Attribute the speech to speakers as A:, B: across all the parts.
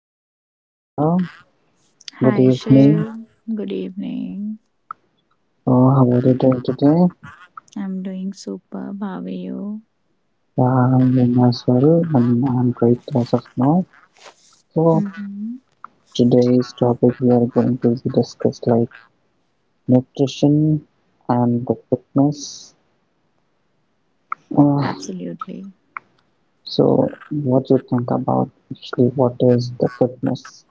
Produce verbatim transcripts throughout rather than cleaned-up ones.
A: Hey, hi Nikita. Good
B: Hi,
A: evening.
B: Shiv. Good evening.
A: Oh, how are you doing today?
B: I'm doing superb. How are you?
A: Yeah, I'm doing as well, and I'm great as of now. So
B: Hmm.
A: today's topic we are going to discuss like nutrition and the fitness. Uh,
B: Absolutely.
A: so what you think about actually what is the fitness?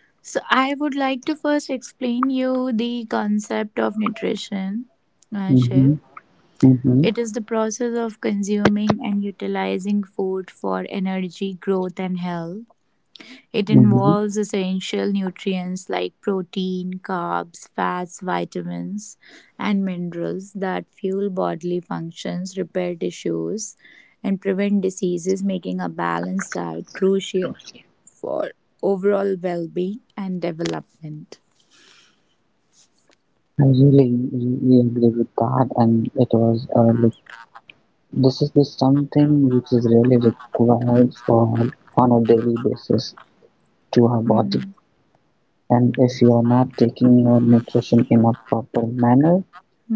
B: So, I would like to first explain you the concept of nutrition, uh, Shiv.
A: Mm-hmm. Mm-hmm.
B: It is the process of consuming and utilizing food for energy, growth, and health. It
A: Mm-hmm.
B: involves essential nutrients like protein, carbs, fats, vitamins, and minerals that fuel bodily functions, repair tissues, and prevent diseases, making a balanced diet crucial for overall well being and development.
A: I really, really really agree with that, and it was a really this is something which is really required for on a daily basis to our body.
B: Mhm,
A: And if you are not taking your nutrition in a proper manner,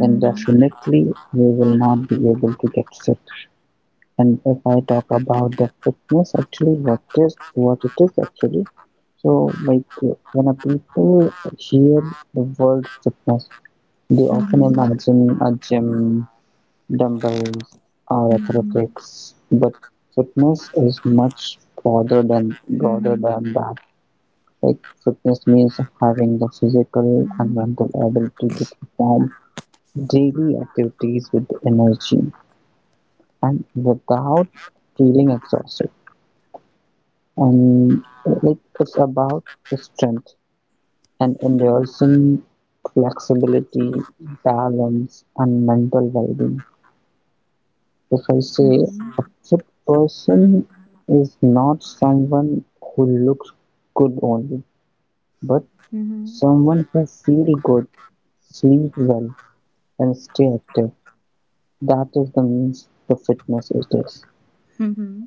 A: then definitely we will not be able to get fit. And if I talk about the fitness, actually, what is what it is actually. So, like uh, when a people hear the word fitness, they often
B: mhm,
A: imagine a gym, dumbbells, are
B: mhm,
A: athletics, but fitness is much broader than broader
B: mhm,
A: than that. Like fitness means having the physical and mental ability to perform daily activities with energy and without feeling exhausted. And like it's about strength and endurance, flexibility, balance, and mental well-being. If I say
B: mhm,
A: a fit person is not someone who looks good only, but
B: mhm, mhm,
A: someone who feels good, sleep well, and stay active. That is the means the fitness it is.
B: mhm.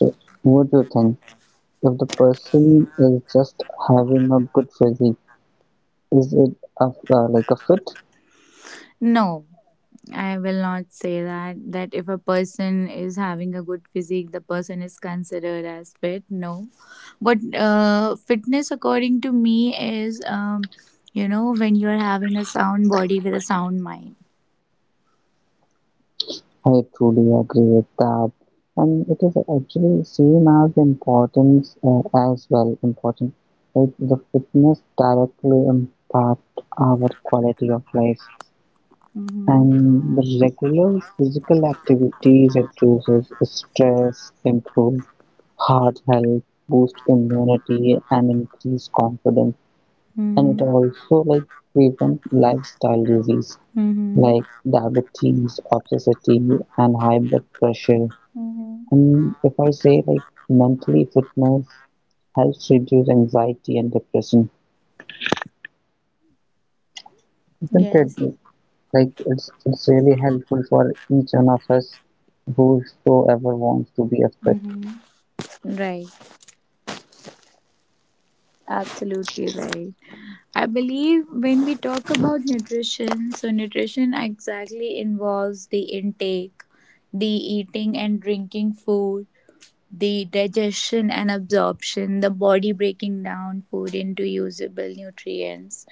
A: So, what do you think? If the person is just having a good physique, is it a, uh, like a fit?
B: No, I will not say that that if a person is having a good physique, the person is considered as fit. No, but uh, fitness, according to me, is um, you know when you are having a sound body with a sound mind.
A: I truly agree with that. And it is actually same as importance, uh, as well important. Like the fitness directly impact our quality of life.
B: Mm-hmm.
A: And the regular physical activities reduces stress, improve heart health, boost immunity, and increase confidence. And it
B: Mm-hmm.
A: also like prevent lifestyle disease
B: Mm-hmm.
A: like diabetes, obesity, and high blood pressure,
B: Mm-hmm.
A: and if I say like mentally fitness helps reduce anxiety and depression, isn't it?
B: Yes.
A: Like it's it's really helpful for each one of us whosoever wants to be a fit.
B: Mm-hmm. Right. Absolutely right. I believe when we talk about nutrition, so nutrition exactly involves the intake, the eating and drinking food, the digestion and absorption, the body breaking down food into usable nutrients,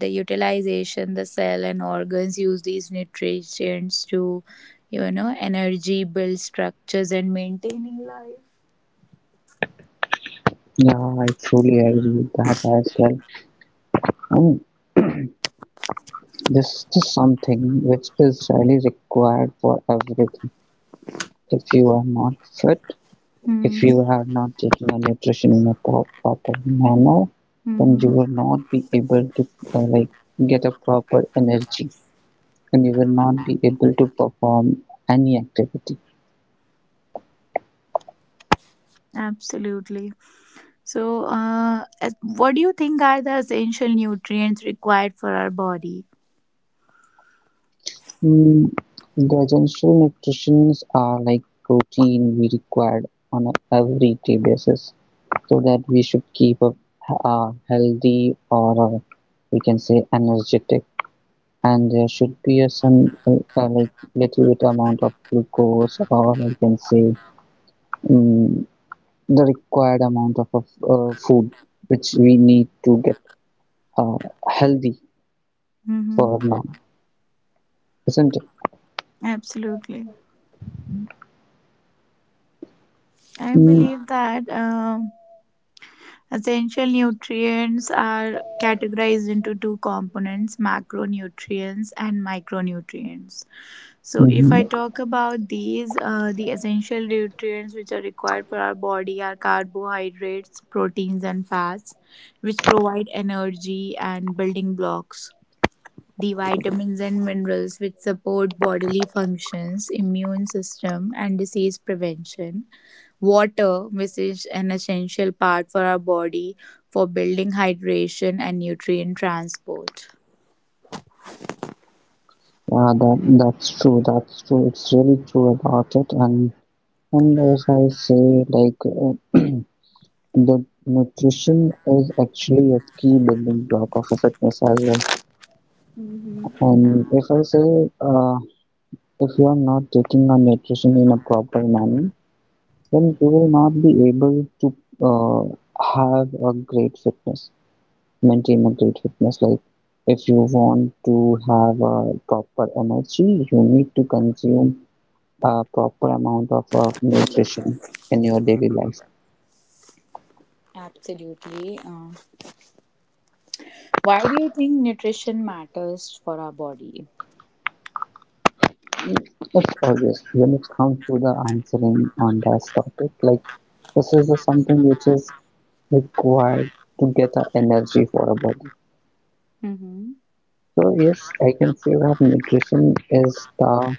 B: the utilization, the cell and organs use these nutrients to, you know, energy, build structures and maintaining life.
A: Yeah, I truly agree with that as well. And this is something which is really required for everything. If you are not fit, if you have not taken your nutrition in a pro- proper manner, then you
B: Mm-hmm.
A: will not be able to uh, like get a proper energy, and you will not be able to perform any activity.
B: Absolutely. So, uh, as- what do you think are the essential nutrients required for our body?
A: Mm, the essential nutritions are like protein we require on a every day basis so that we should keep up uh, healthy, or uh, we can say energetic, and there should be a some uh, uh, like little bit amount of glucose, or I can say um, the required amount of, uh, food which we need to get uh, healthy
B: Mm-hmm.
A: for now, isn't it?
B: Absolutely. I
A: Mm.
B: believe that um, essential nutrients are categorized into two components, macronutrients and micronutrients. So, if
A: Mhm.
B: I talk about these, uh, the essential nutrients which are required for our body are carbohydrates, proteins, and fats, which provide energy and building blocks. The vitamins and minerals which support bodily functions, immune system, and disease prevention. Water, which is an essential part for our body for building hydration and nutrient transport.
A: Yeah, that that's true. That's true. It's really true about it. And and as I say, like uh, the nutrition is actually a key building block of a fitness as well. And if I say, uh, if you are not taking your nutrition in a proper manner, then you will not be able to uh, have a great fitness, maintain a great fitness. Like if you want to have a proper energy, you need to consume a proper amount of uh, nutrition in your daily life.
B: Absolutely. Uh, Why do you think nutrition matters for our body?
A: It's obvious when it comes to the answering on this topic. Like this is the something which is required to get the energy for a body.
B: Mm-hmm.
A: So yes, I can say that nutrition is the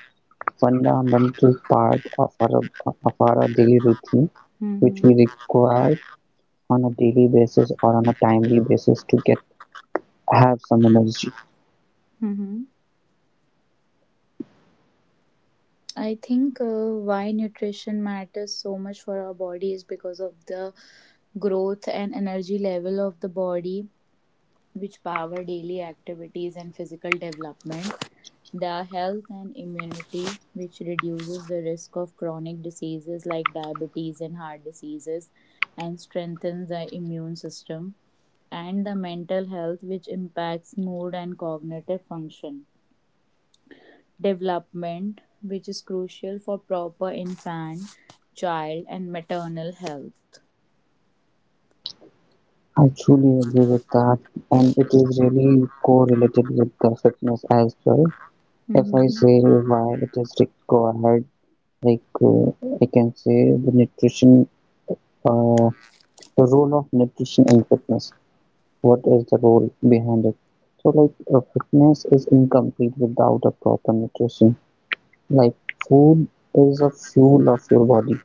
A: fundamental part of our of our daily routine, which we
B: Mm-hmm.
A: require on a daily basis or on a timely basis to get have some energy.
B: Mm-hmm. I think uh, why nutrition matters so much for our body is because of the growth and energy level of the body, which power daily activities and physical development, the health and immunity, which reduces the risk of chronic diseases like diabetes and heart diseases, and strengthens the immune system, and the mental health, which impacts mood and cognitive function. Development, which is crucial for proper infant, child, and maternal health.
A: I truly agree with that, and it is really correlated with the fitness as well. If I
B: Mm-hmm.
A: say why it is required, like uh, I can say the nutrition, uh, the role of nutrition in fitness. What is the role behind it? So, like, uh, fitness is incomplete without a proper nutrition. Like, food is a fuel of your body,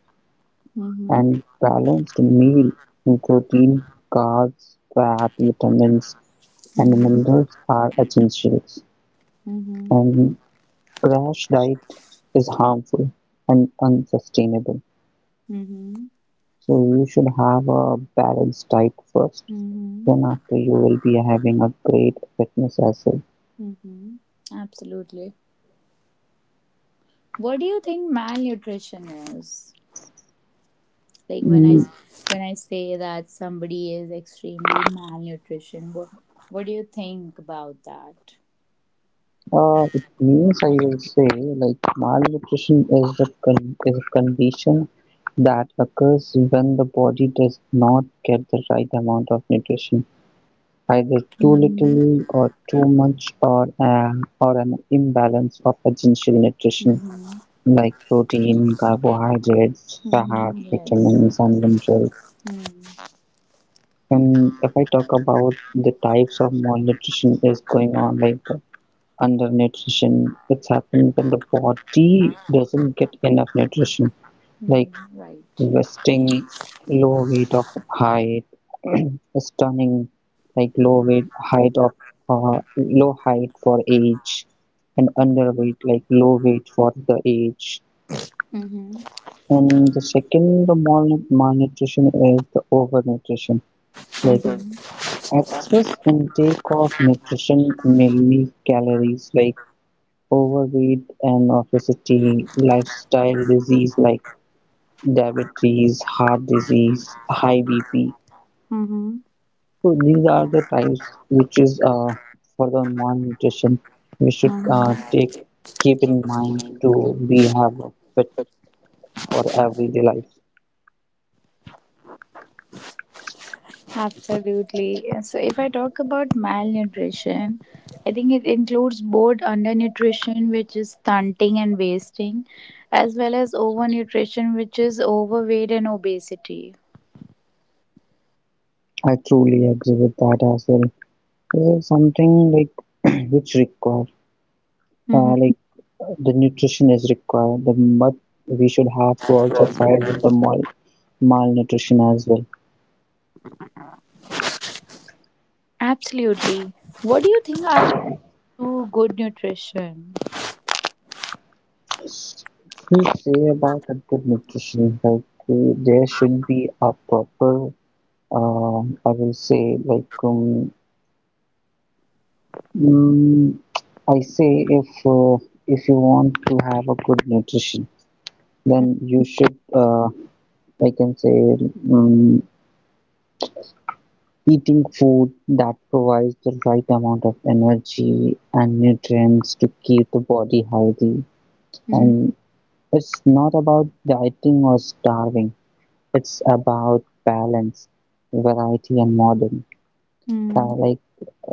B: Mm-hmm.
A: and balanced meal, protein, carbs, fat, vitamins, and the
B: Mm-hmm.
A: minerals are essential,
B: Mm-hmm.
A: and crash diet is harmful and unsustainable.
B: Mm-hmm.
A: So you should have a balanced diet first. Then
B: Mm-hmm.
A: after you will be having a great fitness as well.
B: Mm-hmm. Absolutely. What do you think malnutrition is? Like when I
A: Mm,
B: when I say that somebody is extremely malnutrition, what what do you think about that?
A: uh, it means I will say like malnutrition is the con- is a condition that occurs when the body does not get the right amount of nutrition, either too
B: Mm-hmm.
A: little or too much, or, uh, or an imbalance of essential nutrition
B: Mm-hmm.
A: like protein, carbohydrates,
B: Mm-hmm.
A: fats,
B: Yes.
A: vitamins, and minerals.
B: Mm-hmm.
A: And if I talk about the types of malnutrition is going on like the undernutrition, it's happened when the body doesn't get enough nutrition. Like
B: Right.
A: vesting, low weight of height, stunning, like low weight height of, uh, low height for age, and underweight like low weight for the age,
B: Mm-hmm.
A: and the second the mal- malnutrition is the overnutrition, like
B: Mm-hmm.
A: excess intake of nutrition mainly calories, like overweight and obesity, lifestyle disease like diabetes, heart disease, high BP.
B: Mm-hmm.
A: So these are the times which is uh, for the malnutrition we should uh, take
B: Mm-hmm.
A: keep in mind to be have a fit for everyday life.
B: Absolutely. So, if I talk about malnutrition, I think it includes both undernutrition, which is stunting and wasting, as well as overnutrition, which is overweight and obesity.
A: I truly agree with that as well. This is something like which require
B: Hmm.
A: uh, like the nutrition is required. The but we should have to also fight with the mal malnutrition as well.
B: Absolutely. What do you think are two good nutrition?
A: If we say about a good nutrition, like uh, there should be a proper. Um, I will say like, um, mm, I say if uh, if you want to have a good nutrition, then you should uh, I can say um, eating food that provides the right amount of energy and nutrients to keep the body healthy. And
B: Mm-hmm.
A: it's not about dieting or starving. It's about balance, variety, and modern.
B: Mm-hmm.
A: Uh, like,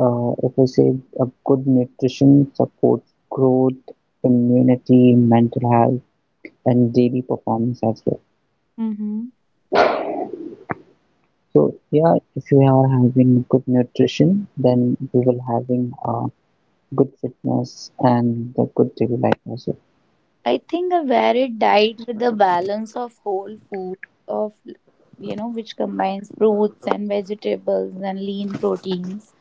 A: uh, if I say a good nutrition supports growth, immunity, mental health, and daily performance as well.
B: Mm-hmm.
A: So yeah, if you are having good nutrition, then you will having uh, good fitness and the good daily life as well.
B: I think a varied diet with a balance of whole foods, of you know which combines fruits and vegetables and lean proteins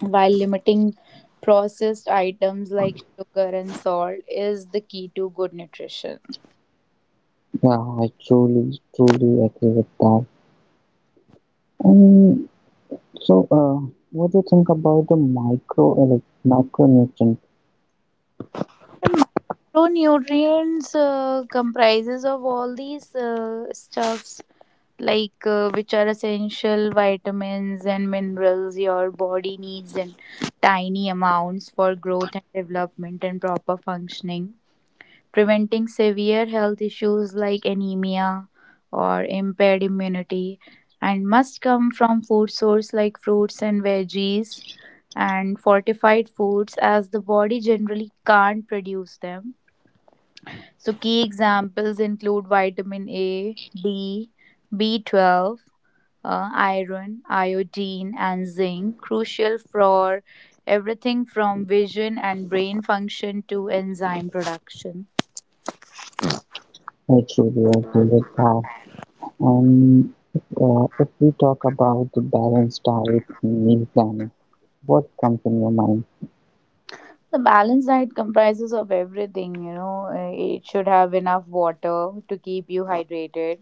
B: while limiting processed items like sugar and salt, is the key to good nutrition.
A: Yeah, I truly, truly agree with that. And so, uh, what do you think about the micro, like macronutrient?
B: The micronutrients uh, comprises of all these uh, stuffs, like uh, which are essential vitamins and minerals your body needs in tiny amounts for growth and development and proper functioning, preventing severe health issues like anemia or impaired immunity, and must come from food source like fruits and veggies and fortified foods, as the body generally can't produce them. So key examples include vitamin A, D, b twelve, uh, iron, iodine, and zinc, crucial for everything from vision and brain function to enzyme production.
A: I truly agree with that. Um, uh, if we talk about the balanced diet and meal planning, what comes in your mind?
B: The balanced diet comprises of everything, you know. uh, It should have enough water to keep you hydrated,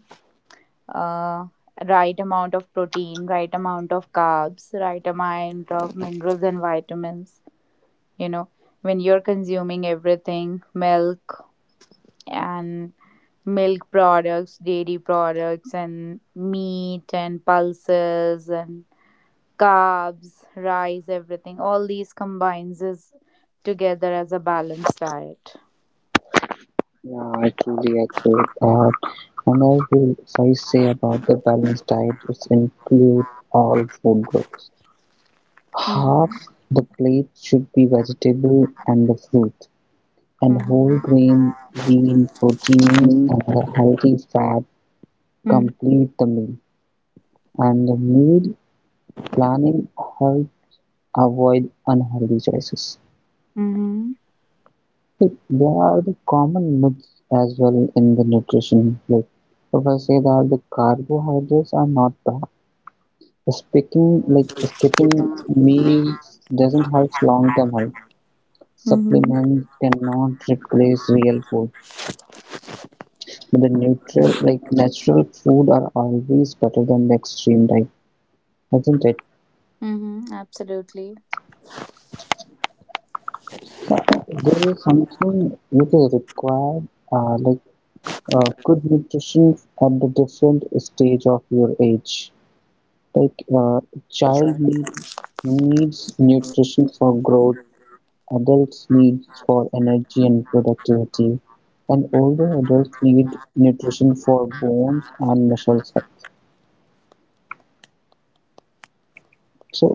B: uh, right amount of protein, right amount of carbs, right amount of minerals and vitamins. You know, when you're consuming everything, milk and milk products, dairy products, and meat and pulses and carbs, rice, everything, all these combines is together as a balanced diet.
A: Yeah, I truly agree with that. And I will so I say about the balanced diet is include all food groups. Half
B: Mhm.
A: the plate should be vegetable and the fruit, and
B: Mhm.
A: whole grain, lean proteins, and the healthy fat
B: Mhm.
A: complete the meal. And the meal planning help avoid unhealthy choices.
B: Mhm.
A: Like, there are the common myths as well in the nutrition. Like if I say that the carbohydrates are not bad, speaking like skipping meals doesn't help long-term health.
B: Mhm.
A: Supplements cannot replace real food. The neutral like natural food are always better than the extreme diet, isn't it?
B: Mhm. Absolutely.
A: Uh, there is something which is required, uh, like uh, good nutrition at the different stage of your age. Like uh, child need, needs nutrition for growth, adults needs for energy and productivity, and older adults need nutrition for bones and muscles health. So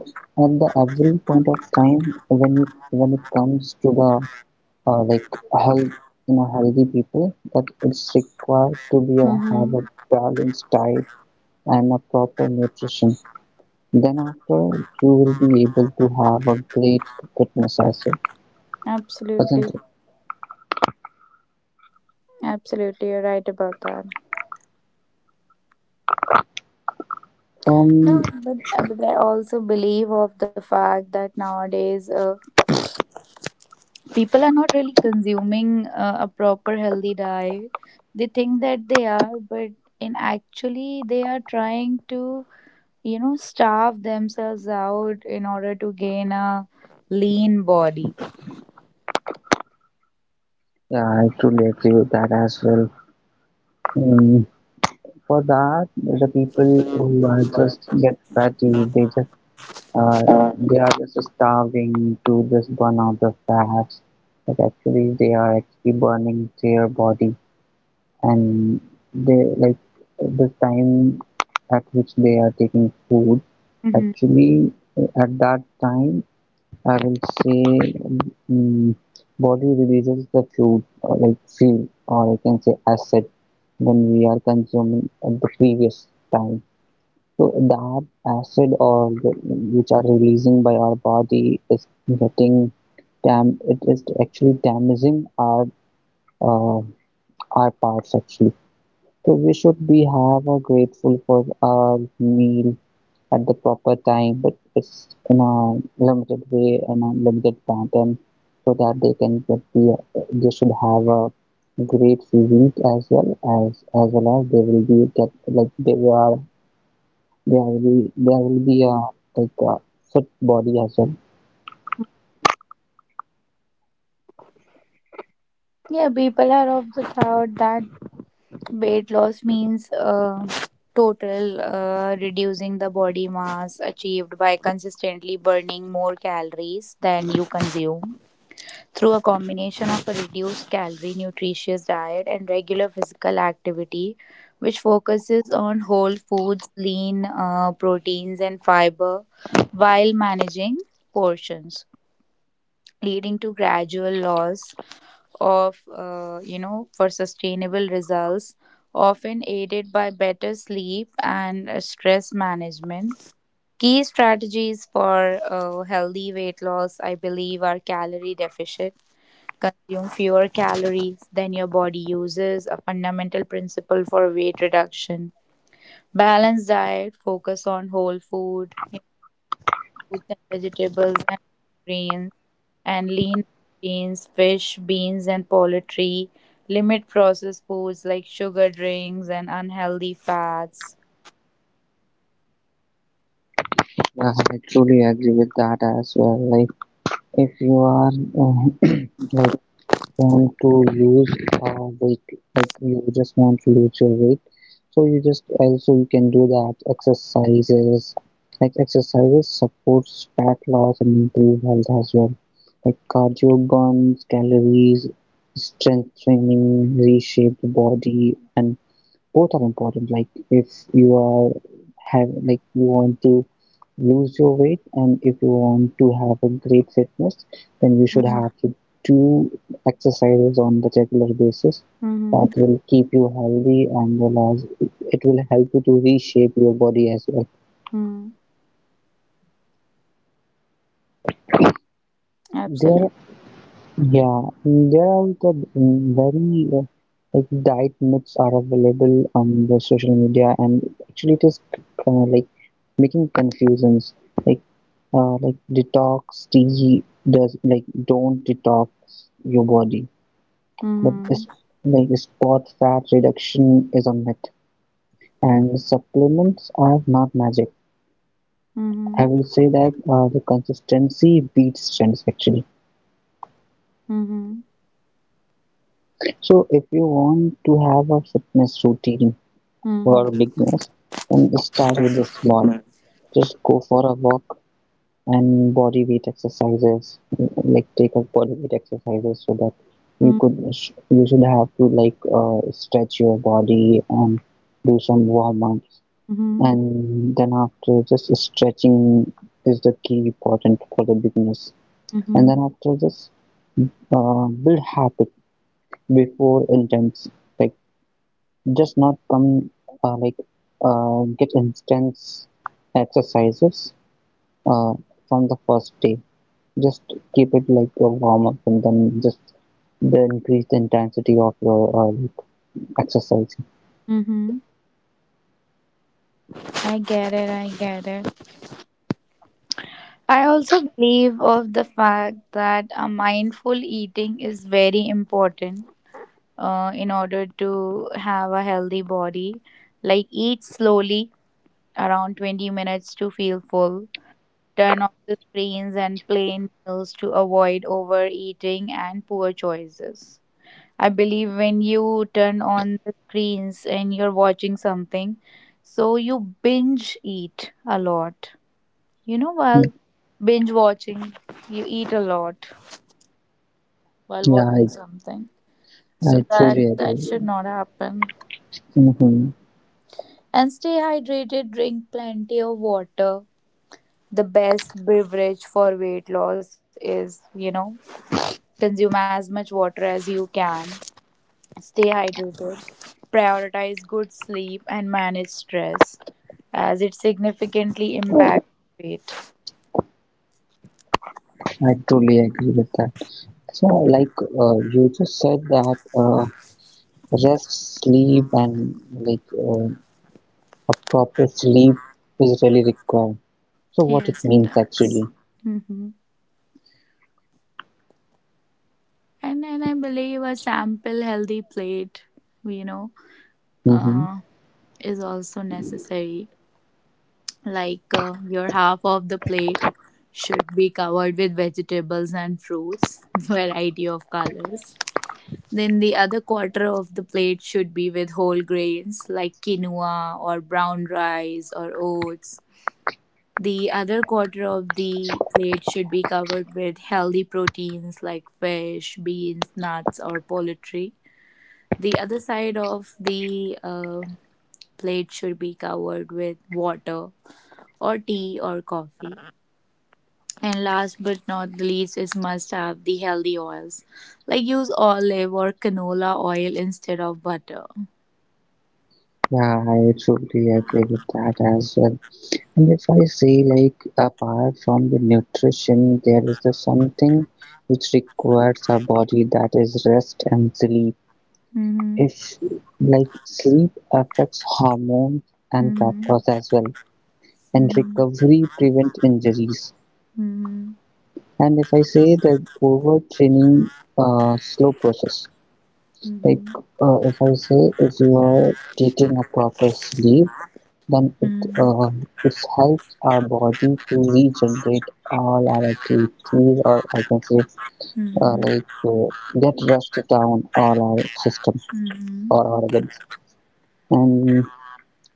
A: at the every point of time, when you, when it comes to the uh, like health in a healthy people, that it's required to be a, have a
B: Mhm.
A: balanced diet and a proper nutrition. Then after you will be able to have a great fitness also,
B: Absolutely.
A: isn't it?
B: Absolutely, you're right about that. No,
A: Um,
B: but, but I also believe of the fact that nowadays uh, people are not really consuming uh, a proper healthy diet. They think that they are, but in actually they are trying to, you know, starve themselves out in order to gain a lean body.
A: yeah, I truly agree with that as well. Um, for that, the people who are just get fatty, they just uh, they are just starving to just burn out the fats, but actually they are actually burning their body, and they like the time at which they are taking food actually at that time I will say, mm, body releases the fuel, or like fuel, or I can say acid, when we are consuming at the previous time. So that acid, or the, which are releasing by our body is getting dam. It is actually damaging our uh, our parts actually. So we should be have a grateful for our meal at the proper time, but it's in a limited way and a limited pattern so that they can get the they should have a great physique as well as as well as they will be get like they are they will be there will be a like a fit body as well.
B: Yeah, people are of the thought that weight loss means uh, total uh, reducing the body mass, achieved by consistently burning more calories than you consume through a combination of a reduced calorie nutritious diet and regular physical activity, which focuses on whole foods, lean uh, proteins, and fiber, while managing portions, leading to gradual loss of uh, you know for sustainable results, often aided by better sleep and uh, stress management. Key strategies for uh, healthy weight loss, I believe, are calorie deficit, consume fewer calories than your body uses, a fundamental principle for weight reduction. Balanced diet, focus on whole food, you know, fruits and vegetables and grains and lean proteins, fish, beans, and poultry. Limit processed foods like sugar drinks and unhealthy fats.
A: Yeah, I truly agree with that as well. Like if you are uh, like want to lose uh, weight, like you just want to lose your weight, so you just also you can do that exercises, like exercises supports fat loss and improve health as well, like cardio burns calories, strength training reshape the body, and both are important. Like if you are have like you want to lose your weight, and if you want to have a great fitness, then you should have to do exercises on the regular basis
B: Mm-hmm.
A: that will keep you healthy, and will, as it will help you to reshape your body as well.
B: Mm-hmm.
A: There
B: Absolutely.
A: Yeah, there are the mm, very uh, like diet myths are available on the social media, and actually it is uh, like making confusions, like uh, like detox tea does like don't detox your body, but
B: Mm-hmm.
A: it's like spot fat reduction is a myth, and supplements are not magic. I
B: Mm-hmm.
A: will say that uh, the consistency beats trends actually.
B: Mm-hmm.
A: So if you want to have a fitness routine for
B: Mm-hmm.
A: beginners, then start with the small, just go for a walk and body weight exercises, like take up body weight exercises so that you
B: Mm-hmm.
A: could you should have to like uh, stretch your body and do some warm-ups, and then after just stretching is the key important for the beginners, and
B: Mm-hmm.
A: then after just uh, build habit before intense, like just not come uh, like uh, get intense exercises uh, from the first day. Just keep it like a warm up, and then just then increase the intensity of your uh, exercise.
B: Mm-hmm. I get it. I get it. I also believe of the fact that a mindful eating is very important uh, in order to have a healthy body. Like, eat slowly, around twenty minutes to feel full. Turn off the screens and plain meals to avoid overeating and poor choices. I believe when you turn on the screens and you're watching something, so you binge eat a lot. You know, while binge watching, you eat a lot while
A: Yeah,
B: watching
A: I,
B: something. So
A: I
B: that
A: truly
B: that
A: agree.
B: should not happen.
A: Hmm.
B: And stay hydrated, drink plenty of water. The best beverage for weight loss is, you know, consume as much water as you can, stay hydrated, prioritize good sleep, and manage stress as it significantly impacts weight.
A: I truly agree with that. So, like uh, you just said that uh, rest, sleep, and like uh, a proper sleep is really required. So, what it
B: Yes, it
A: means
B: does.
A: actually?
B: hmm And then I believe a sample healthy plate, you know,
A: Mm-hmm.
B: uh, is also necessary. Like, uh, your half of the plate should be covered with vegetables and fruits variety of colors. Then the other quarter of the plate should be with whole grains like quinoa or brown rice or oats. The other quarter of the plate should be covered with healthy proteins like fish, beans, nuts, or poultry. The other side of the uh, plate should be covered with water or tea or coffee. And last but not the least is must have the healthy oils. Like, use olive or canola oil instead of butter.
A: Yeah, I truly agree with that as well. And if I say like, apart from the nutrition there is the something which requires our body, that is rest and sleep.
B: Mm-hmm.
A: If like sleep affects hormones and fat
B: Mm-hmm.
A: loss as well, and
B: Mm-hmm.
A: recovery prevent injuries, and if I say that overtraining, uh, slow process.
B: Mm-hmm. Mm-hmm.
A: Like
B: Mm-hmm.
A: uh, if I say, if you are taking a proper sleep. Then it uh it helps our body to regenerate all our activities, or I can say uh,
B: Mm-hmm.
A: like uh, get rest down all our system or organs. And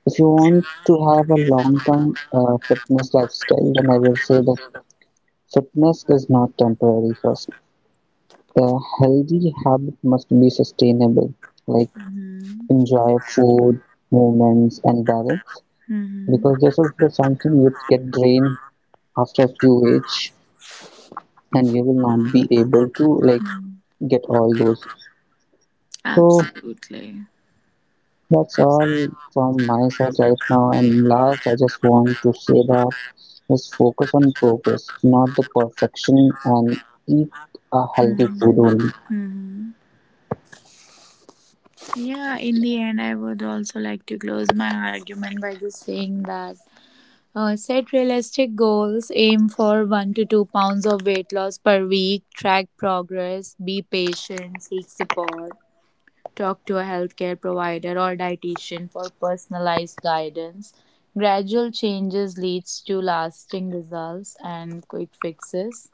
A: if you want to have a long-term uh, fitness lifestyle, then I will say that fitness is not temporary first. The healthy habit must be sustainable, like
B: Mm-hmm.
A: enjoy food, movements, and balance,
B: Mm-hmm.
A: because this is the something which get drained after a few age, and you will not be able to like
B: Mm,
A: get all those. So
B: Absolutely.
A: that's all from my side right now, and last I just want to say that let's focus on progress, not the perfection, and eat a healthy food
B: Mhm.
A: only.
B: Mhm. Yeah, in the end, I would also like to close my argument by just saying that, Uh, set realistic goals. Aim for one to two pounds of weight loss per week. Track progress. Be patient. Seek support. Talk to a healthcare provider or dietitian for personalized guidance. Gradual changes leads to lasting results, and quick fixes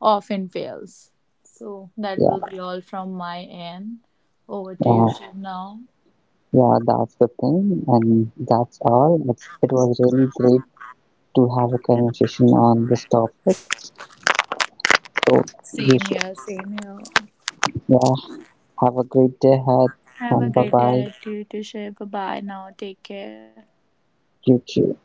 B: often fails. So that will
A: yeah
B: be all from my end. Over to you,
A: uh,
B: Shiv, now.
A: yeah that's the thing, and that's all. It's, it was really great to have a conversation on this topic, so
B: Same
A: you
B: here,
A: should
B: same here.
A: yeah have a great day ahead,
B: Have a
A: and
B: great
A: bye
B: day
A: bye,
B: ahead to you to share. Bye bye now. Take care.
A: you too.